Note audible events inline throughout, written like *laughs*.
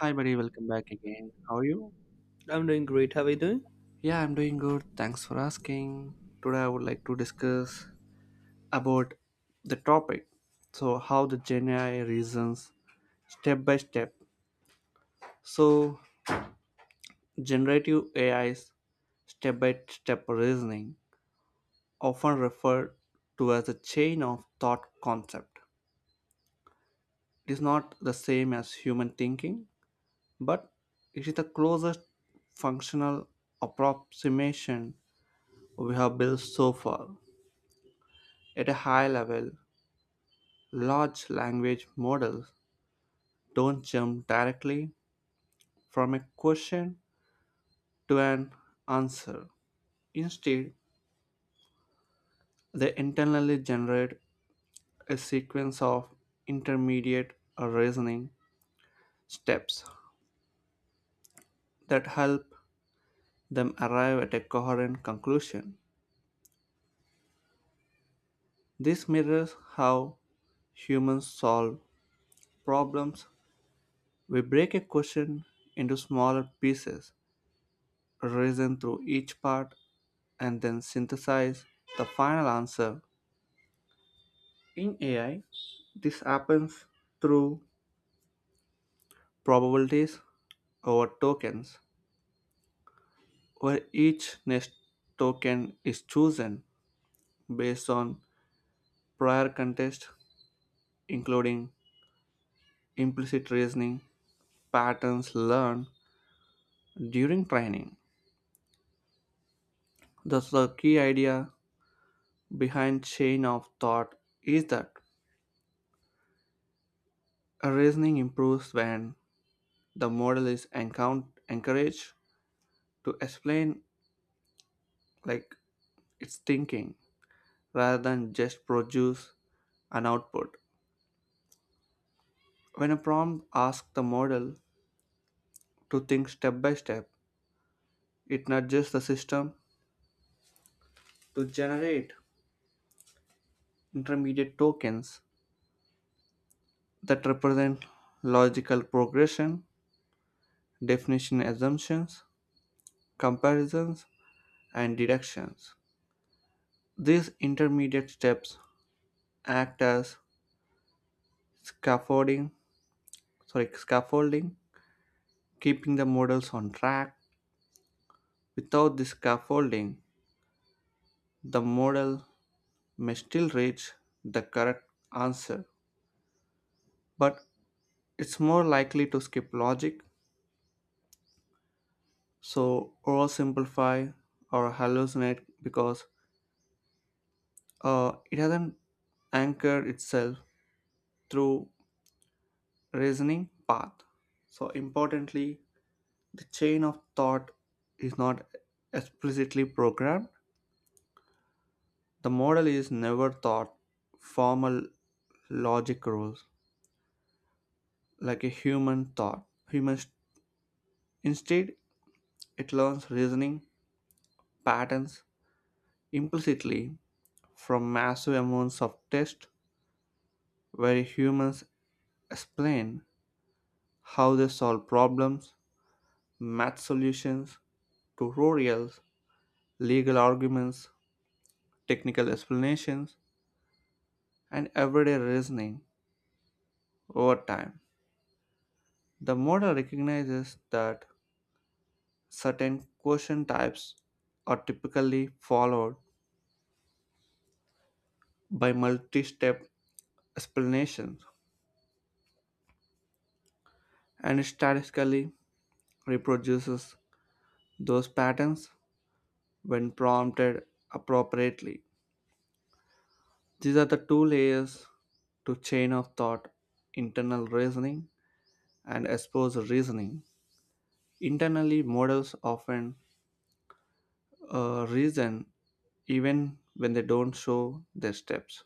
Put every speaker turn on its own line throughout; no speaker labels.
Hi, buddy. Welcome back again. How are you?
I'm doing great. How are you doing?
Yeah, I'm doing good. Thanks for asking. Today, I would like to discuss about the topic. So, how the Gen AI reasons step by step. So, generative A I's step by step reasoning, often referred to as a chain of thought concept, it is not the same as human thinking, but it is the closest functional approximation we have built so far. At a high level, large language models don't jump directly from a question to an answer. Instead, they internally generate a sequence of intermediate reasoning steps that help them arrive at a coherent conclusion. This mirrors how humans solve problems. We break a question into smaller pieces, reason through each part, and then synthesize the final answer. In AI, this happens through probabilities over tokens, where each next token is chosen based on prior context, including implicit reasoning, patterns learned during training. Thus, the key idea behind chain of thought is that a reasoning improves when the model is encouraged to explain like it's thinking rather than just produce an output. When a prompt asks the model to think step by step, it nudges the system to generate intermediate tokens that represent logical progression, definition assumptions, comparisons, and deductions. These intermediate steps act as scaffolding, sorry, scaffolding, keeping the models on track. Without this scaffolding, the model may still reach the correct answer, but it's more likely to skip logic, so oversimplify or hallucinate because it hasn't anchored itself through reasoning path. So importantly, the chain of thought is not explicitly programmed. The model is never taught formal logic rules like a human thought. Human instead it learns reasoning patterns implicitly from massive amounts of text where humans explain how they solve problems, math solutions, tutorials, legal arguments, technical explanations, and everyday reasoning over time. The model recognizes that certain question types are typically followed by multi step explanations and statistically reproduces those patterns when prompted appropriately. These are the two layers to chain of thought internal reasoning and exposed reasoning. Internally, models often reason even when they don't show their steps.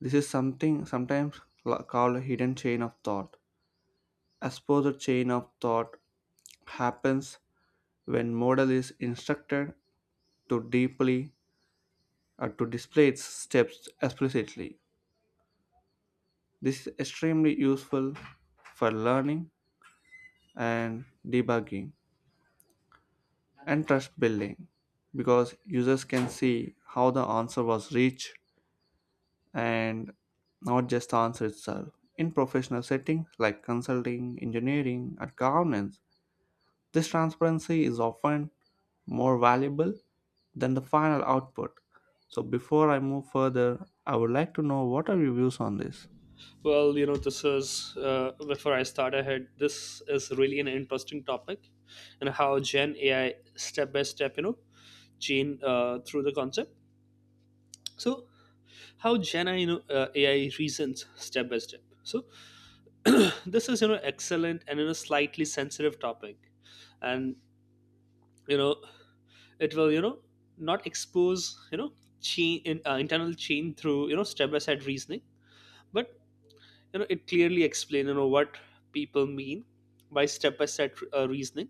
This is something sometimes called a hidden chain of thought. Exposed chain of thought happens when model is instructed to deeply or to display its steps explicitly. This is extremely useful for learning and debugging and trust building because users can see how the answer was reached and not just the answer itself. In professional settings like consulting, engineering, and governance, this transparency is often more valuable than the final output. So before I move further, I would like to know what are your views on this?
Well, this is before I start ahead. This is really an interesting topic, and how Gen AI step by step, chain through the concept. So, how Gen AI, AI reasons step by step. So, *clears throat* this is excellent and slightly sensitive topic, and you know it will not expose chain internal chain through step by step reasoning, but it clearly explains what people mean by step reasoning,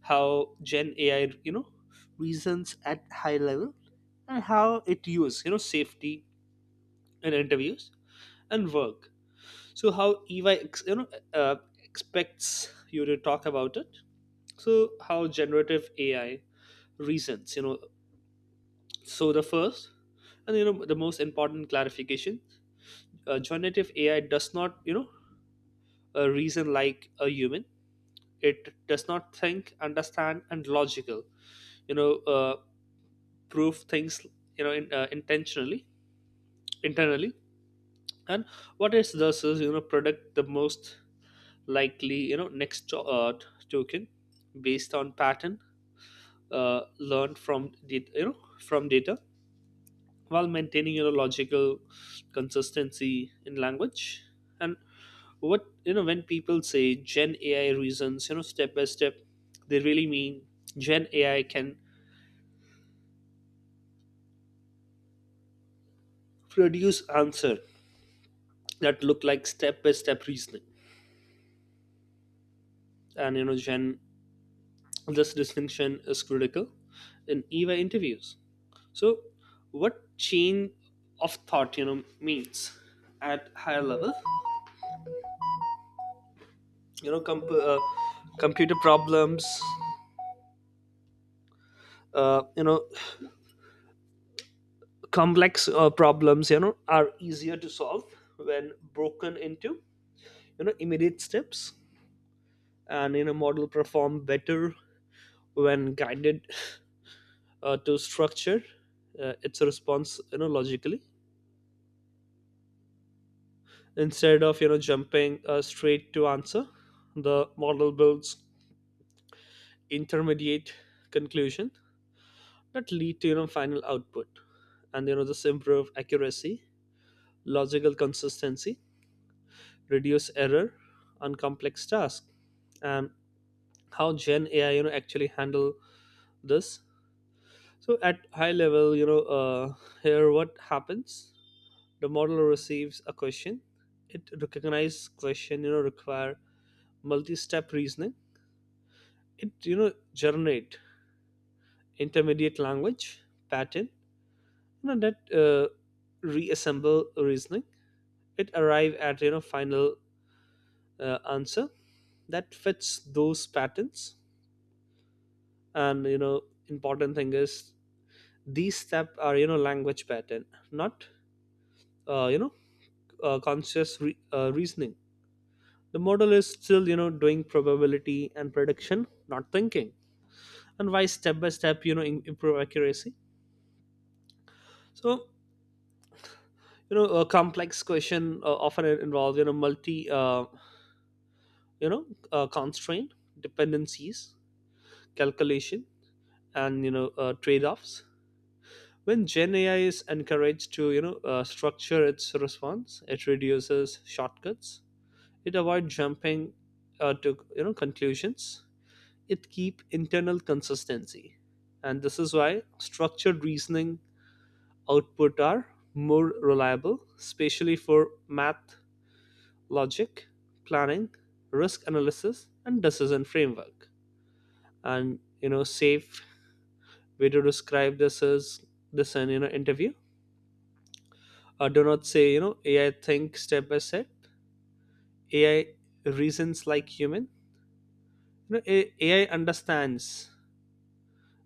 how gen ai you know reasons at high level, and how it uses safety in interviews and work. So how ey uh, expects you to talk about it. So how generative ai reasons, so the first and the most important clarification, generative ai does not reason like a human. It does not think, understand and logical, you know uh, prove things, intentionally internally. And what it does is, predict the most likely next token based on pattern learned from data, while maintaining logical consistency in language. And what you know when people say gen ai reasons, step by step, they really mean gen ai can produce answer that look like step by step reasoning. And Jen, this distinction is critical in eva interviews. So what chain of thought means at higher level. you know comp- uh, Computer problems, uh, you know complex problems are easier to solve when broken into, immediate steps. And model perform better when guided to structure its response, logically, instead of jumping straight to answer. The model builds intermediate conclusion that lead to final output. And this improve accuracy, logical consistency, reduce error on complex tasks. And how gen ai actually handle this. So at high level, here what happens. The model receives a question. It recognizes question require multi-step reasoning. It generate intermediate language pattern, that reassemble reasoning. It arrive at final answer that fits those patterns. And important thing is, these steps are language pattern, not uh, you know conscious reasoning. The model is still, doing probability and prediction, not thinking. And why step by step, improve accuracy? So, a complex question often involves, you know, constraint, dependencies, calculation, and, trade offs. When Gen AI is encouraged to, structure its response, it reduces shortcuts. It avoids jumping to, conclusions, it keep internal consistency. And this is why structured reasoning output are more reliable, especially for math, logic, planning, risk analysis and decision framework. And safe way to describe this is, this in interview, do not say ai think step by step, ai reasons like human, you know ai understands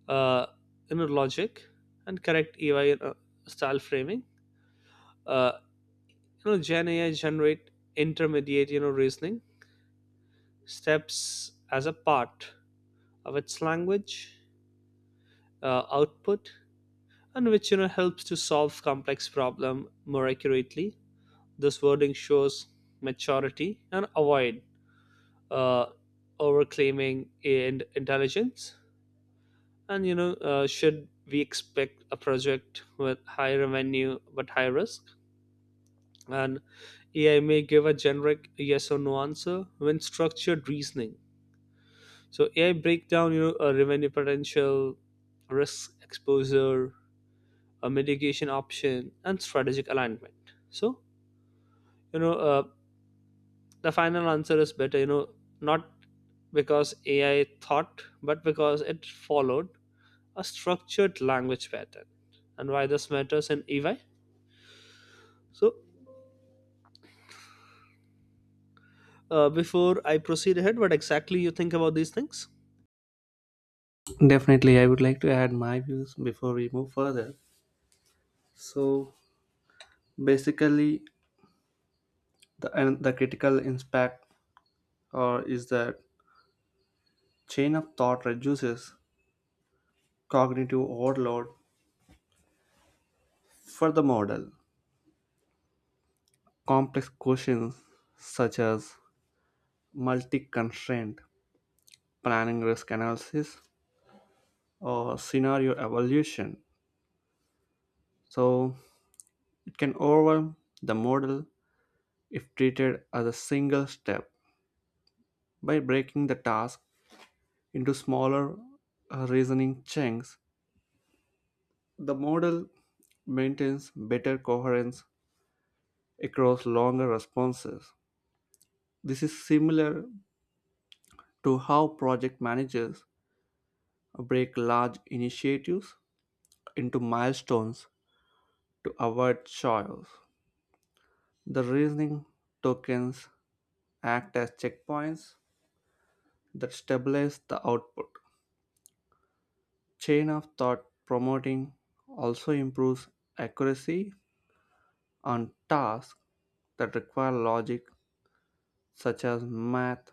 uh, logic. And correct EY style framing. Uh, Gen AI generate intermediate, reasoning steps as a part of its language output, and which helps to solve complex problem more accurately. This wording shows maturity and avoid uh, overclaiming and intelligence. And should we expect a project with high revenue but high risk? And AI may give a generic yes or no answer when structured reasoning. So AI break down, a revenue potential, risk exposure, a mitigation option, and strategic alignment. So you know uh, the final answer is better, not because AI thought, but because it followed a structured language pattern. And why this matters in EY? So before I proceed ahead, what exactly you think about these things?
Definitely, I would like to add my views before we move further. So basically, the and the critical impact or is that chain of thought reduces cognitive overload for the model. Complex questions such as multi-constraint planning risk analysis or scenario evaluation. So it can overwhelm the model if treated as a single step by breaking the task into smaller reasoning chunks. The model maintains better coherence across longer responses. This is similar to how project managers break large initiatives into milestones to avoid chaos. The reasoning tokens act as checkpoints that stabilize the output. Chain of thought promoting also improves accuracy on tasks that require logic, such as math,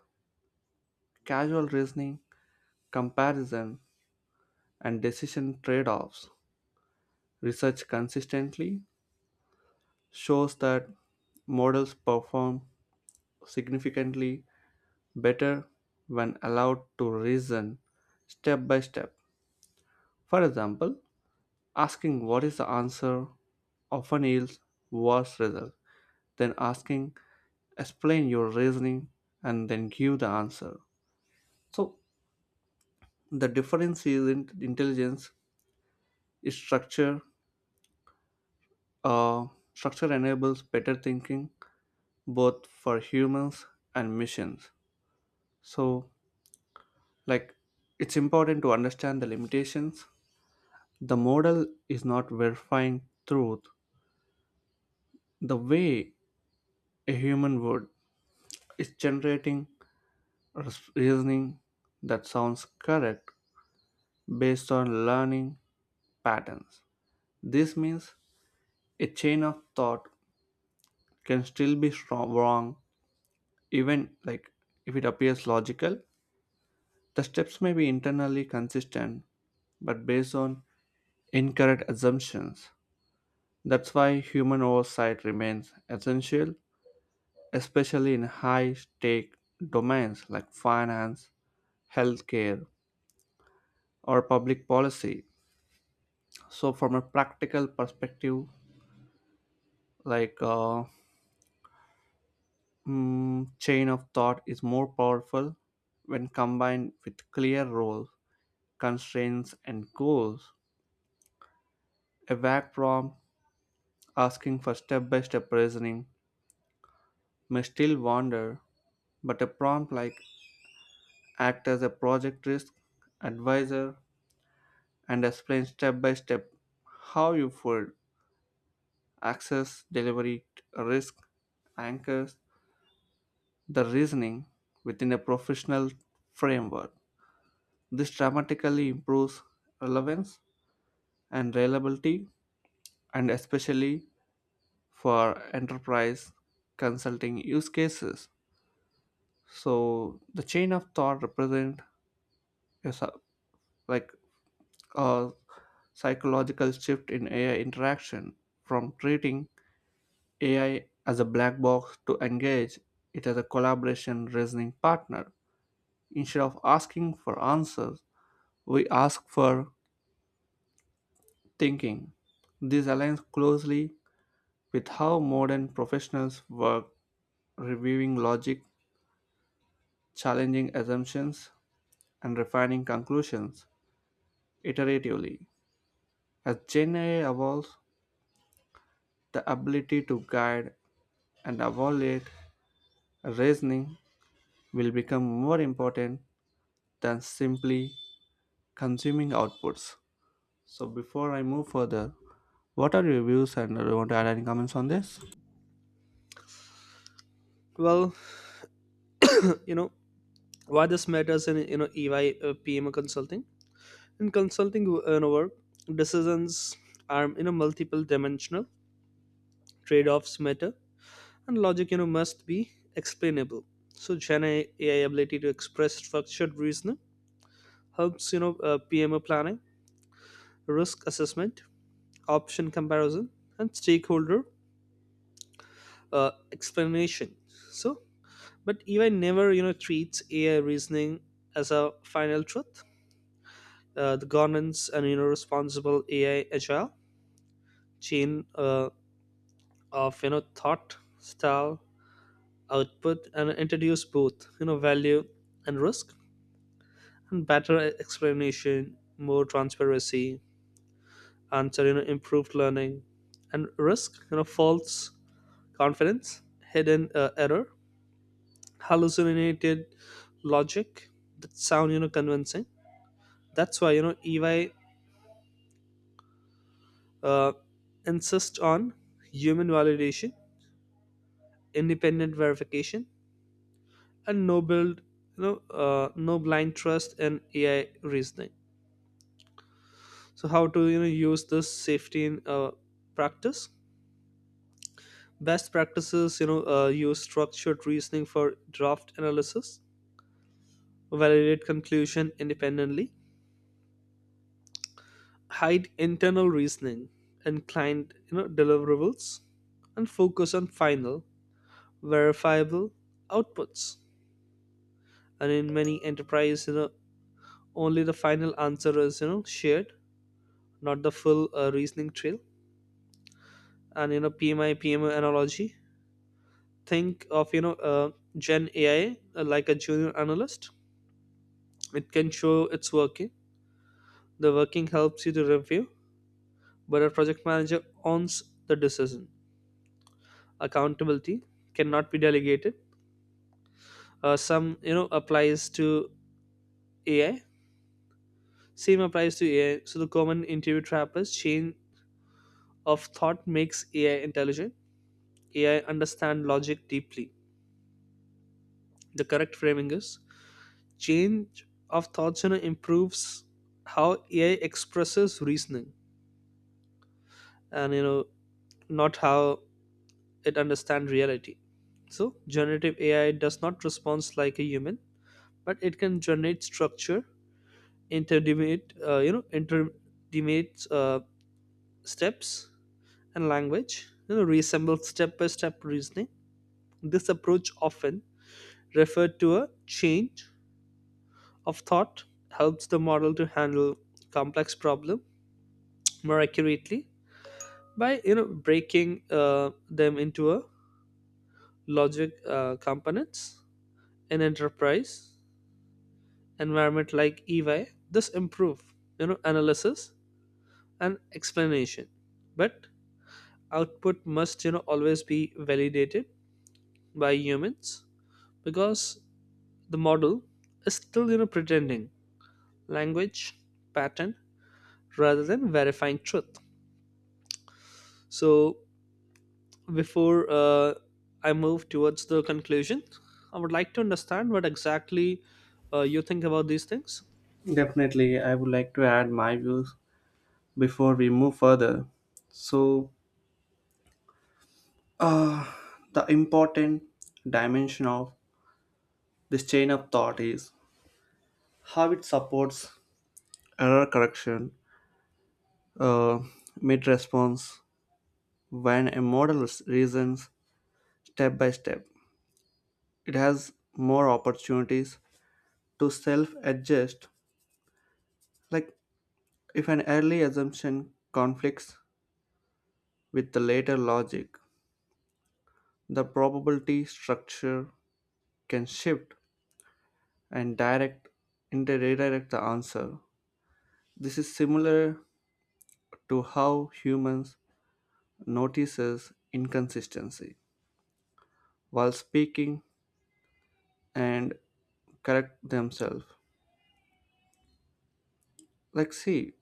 casual reasoning comparison, and decision trade offs. Research consistently shows that models perform significantly better when allowed to reason step by step. For example, asking what is the answer often yields worse results than asking explain your reasoning and then give the answer. So the difference is in intelligence is structure. Uh, Structure enables better thinking both for humans and missions. So, like, it's important to understand the limitations. The model is not verifying truth the way a human would, it's generating reasoning that sounds correct based on learning patterns. This means a chain of thought can still be strong, wrong, even like if it appears logical. The steps may be internally consistent, but based on incorrect assumptions. That's why human oversight remains essential, especially in high stake domains like finance, healthcare, or public policy. So, from a practical perspective, like chain of thought is more powerful when combined with clear roles, constraints, and goals. A vague prompt asking for step by step reasoning may still wander, but a prompt like act as a project risk advisor, and explain step by step how you fold access, delivery risk, anchors, the reasoning within a professional framework. This dramatically improves relevance and reliability, and especially for enterprise consulting use cases. So the chain of thought represent a like a psychological shift in AI interaction from treating AI as a black box to engage it as a collaboration reasoning partner. Instead of asking for answers, we ask for thinking. This aligns closely with how modern professionals work, reviewing logic, challenging assumptions, and refining conclusions iteratively. As Gen AI evolves, the ability to guide and evaluate reasoning will become more important than simply consuming outputs. So before I move further, what are your views and do you want to add any comments on this?
Well, *laughs* you know why this matters in EY PM consulting, in consulting work. Decisions are multiple dimensional, trade offs matter, and logic must be explainable. So Gen AI ability to express structured reasoning helps PMO planning, risk assessment, option comparison and stakeholder explanation. So but EY never treats AI reasoning as a final truth. The governance and responsible AI agile chain of thought, style, output, and introduce both value and risk. And better explanation, more transparency, answer improved learning, and risk false confidence, hidden error, hallucinated logic that sound convincing. That's why EY uh, insist on human validation, independent verification, and no build, you know no blind trust in ai reasoning. So how to use this safety in practice. Best practices, use structured reasoning for draft analysis, validate conclusion independently, hide internal reasoning and client deliverables, and focus on final verifiable outputs. And in many enterprise, only the final answer is shared, not the full reasoning trail. And PMI PMO analogy. Think of Gen AI like a junior analyst. It can show it's working. The working helps you to review, but a project manager owns the decision. Accountability cannot be delegated. Some applies to AI. Same applies to AI. So the common interview trap is chain of thought makes AI intelligent, AI understand logic deeply. The correct framing is, change of thoughts improves how ai expresses reasoning, and not how it understands reality. So generative ai does not respond like a human, but it can generate structure intermediate, steps and language, reassemble step by step reasoning. This approach, often referred to a change of thought, helps the model to handle complex problem more accurately by breaking them into a logic components in enterprise environment like EY. This improve analysis and explanation, but output must always be validated by humans because the model is still pretending language pattern rather than verifying truth. So before I move towards the conclusion, I would like to understand what exactly you think about these things.
Definitely, I would like to add my views before we move further. So, the important dimension of this chain of thought is how it supports error correction, uh, mid response, when a model reasons step by step. It has more opportunities to self adjust. Like if an early assumption conflicts with the later logic, the probability structure can shift and redirect the answer. This is similar to how humans notices inconsistency while speaking and correct themselves. Like see,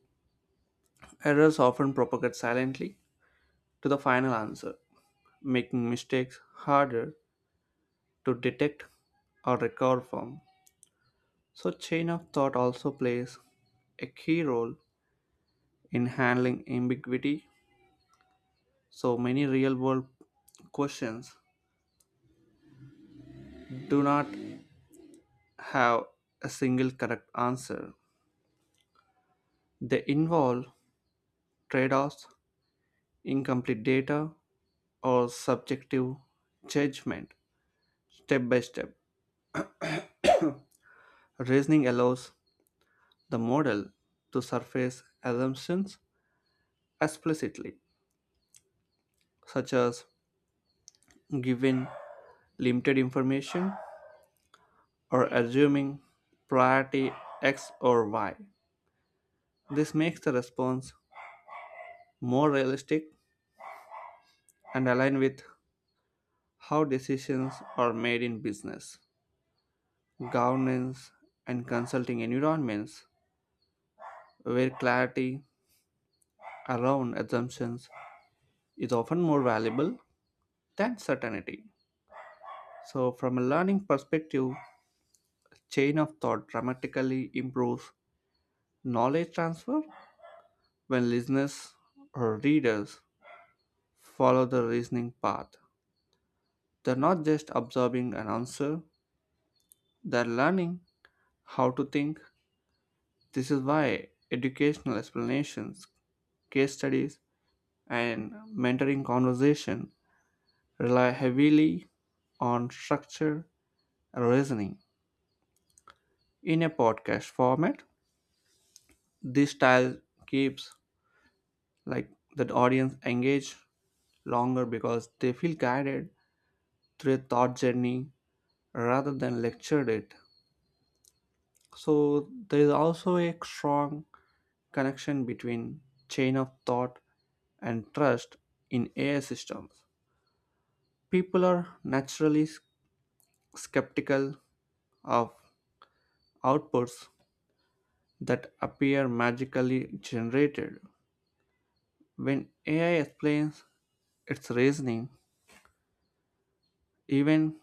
errors often propagate silently to the final answer, making mistakes harder to detect or recover from. So, chain of thought also plays a key role in handling ambiguity. So, many real world questions do not have a single correct answer, they involve trade offs, incomplete data, or subjective judgment step by step. Reasoning allows the model to surface assumptions explicitly, such as given limited information, or assuming priority X or Y. This makes the response more realistic and aligned with how decisions are made in business, governance, and consulting environments where clarity around assumptions is often more valuable than certainty. So, from a learning perspective, chain of thought dramatically improves knowledge transfer when listeners or readers follow the reasoning path. They're not just absorbing an answer, they're learning how to think. This is why educational explanations, case studies, and mentoring conversation rely heavily on structure and reasoning. In a podcast format, this style keeps like the audience engaged longer because they feel guided through a thought journey rather than lectured it. So there is also a strong connection between chain of thought and trust in AI systems. People are naturally skeptical of outputs that appear magically generated. When AI explains its reasoning, even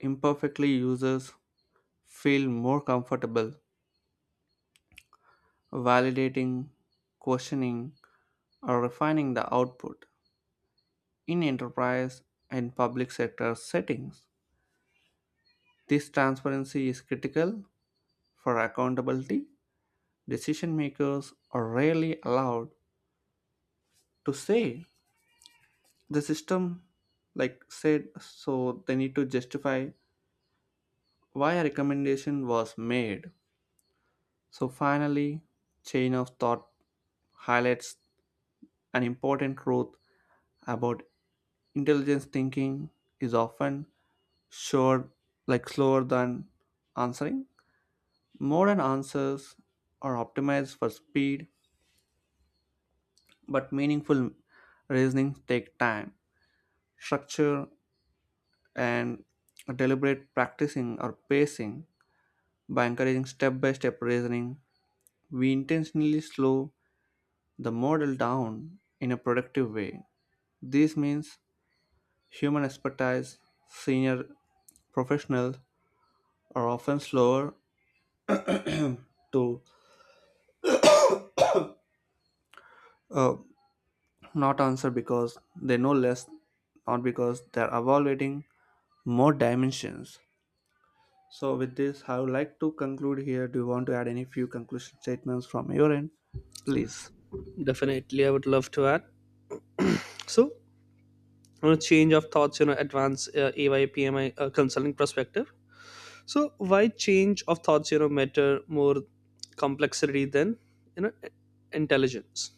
imperfectly, users feel more comfortable validating, questioning, or refining the output. In enterprise and public sector settings. This transparency is critical for accountability. Decision makers are rarely allowed to say the system like said so they need to justify why a recommendation was made. So finally, chain of thought highlights an important truth about intelligence thinking is often short like slower than answering. Modern answers are optimized for speed, but meaningful reasoning take time. Structure and deliberate practicing or pacing by encouraging step-by-step reasoning, we intentionally slow the model down in a productive way. This means human expertise, senior professionals are often slower to uh, not answer because they know less, not because they're evaluating more dimensions. So, with this, I would like to conclude here. Do you want to add any few conclusion statements from your end? Please.
Definitely, I would love to add. So, on a change of thoughts, advance AY consulting perspective. So, why change of thoughts, matter more complexity than you know intelligence?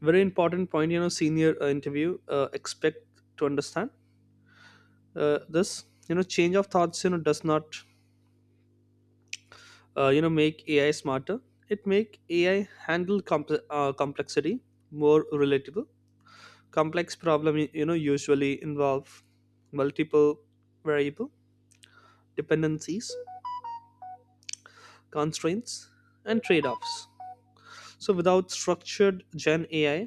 Very important point, senior interview expect to understand this. Change of thoughts, does not make ai smarter, it make ai handle complexity more relatable. Complex problem usually involve multiple variable, dependencies, constraints and trade-offs. So without structured, gen ai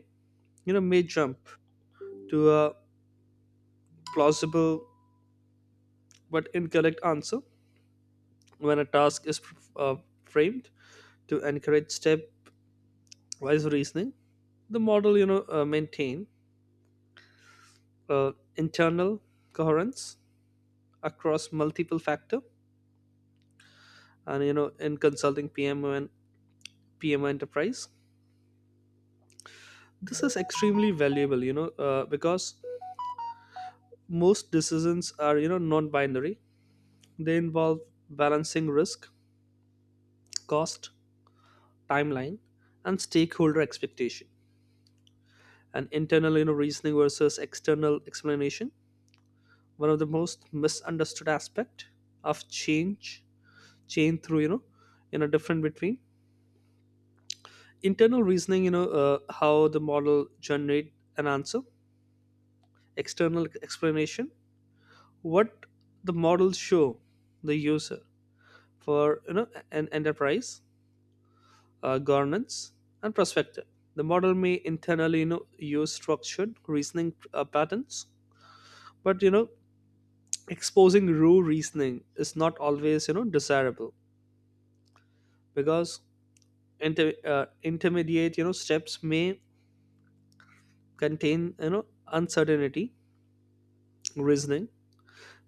may jump to a plausible but incorrect answer. When a task is uh, framed to encourage step wise reasoning, the model maintain internal coherence across multiple factor. And in consulting pmo and pmo enterprise, this is extremely valuable, because most decisions are non-binary, they involve balancing risk, cost, timeline and stakeholder expectation. And internal, reasoning versus external explanation, one of the most misunderstood aspect of change through, different between internal reasoning, how the model generate an answer, external explanation, what the models show the user. For an enterprise governance and perspective, the model may internally use structured reasoning patterns. But exposing raw reasoning is not always desirable because intermediate steps may contain uncertainty, reasoning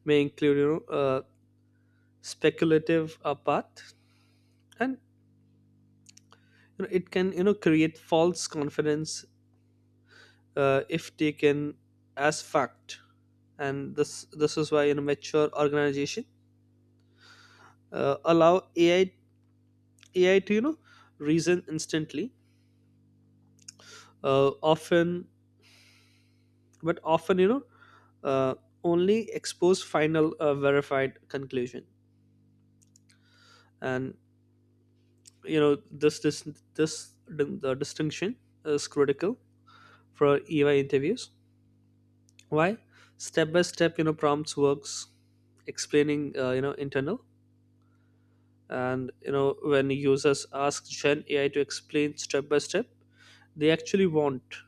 may include speculative path. And it can create false confidence if taken as fact. And this is why mature organization allow ai to reason instantly uh, often, but often uh, only expose final verified conclusion. And you know this this this the distinction is critical for EY interviews. Why step by step prompts works, explaining internal. And when users ask gen ai to explain step by step, they actually want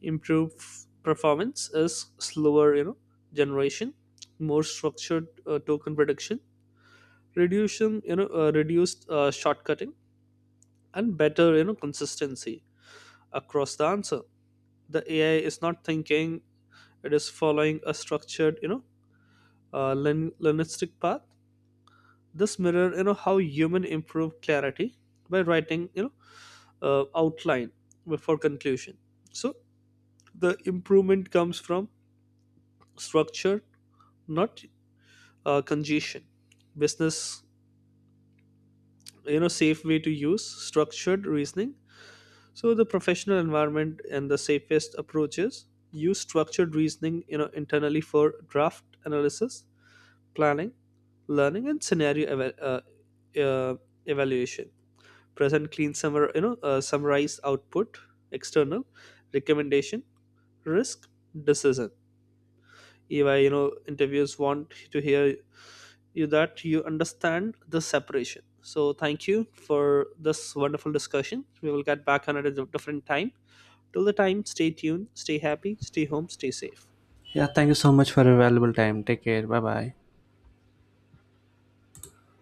improved performance, is slower, generation, more structured token prediction, reduction, reduced shortcutting, and better consistency across the answer. The ai is not thinking, it is following a structured, linistic path. This mirror how human improve clarity by writing, outline before conclusion. So the improvement comes from structure, not congestion business. Safe way to use structured reasoning. So the professional environment and the safest approaches, use structured reasoning internally for draft analysis, planning, learning and scenario uh, evaluation. Present clean summarized output, external recommendation, risk decision. If I interviews want to hear you that you understand the separation. So thank you for this wonderful discussion, we will get back on it at a different time. Till the time, stay tuned, stay happy, stay home, stay safe.
Yeah, thank you so much for your valuable time. Take care. Bye bye.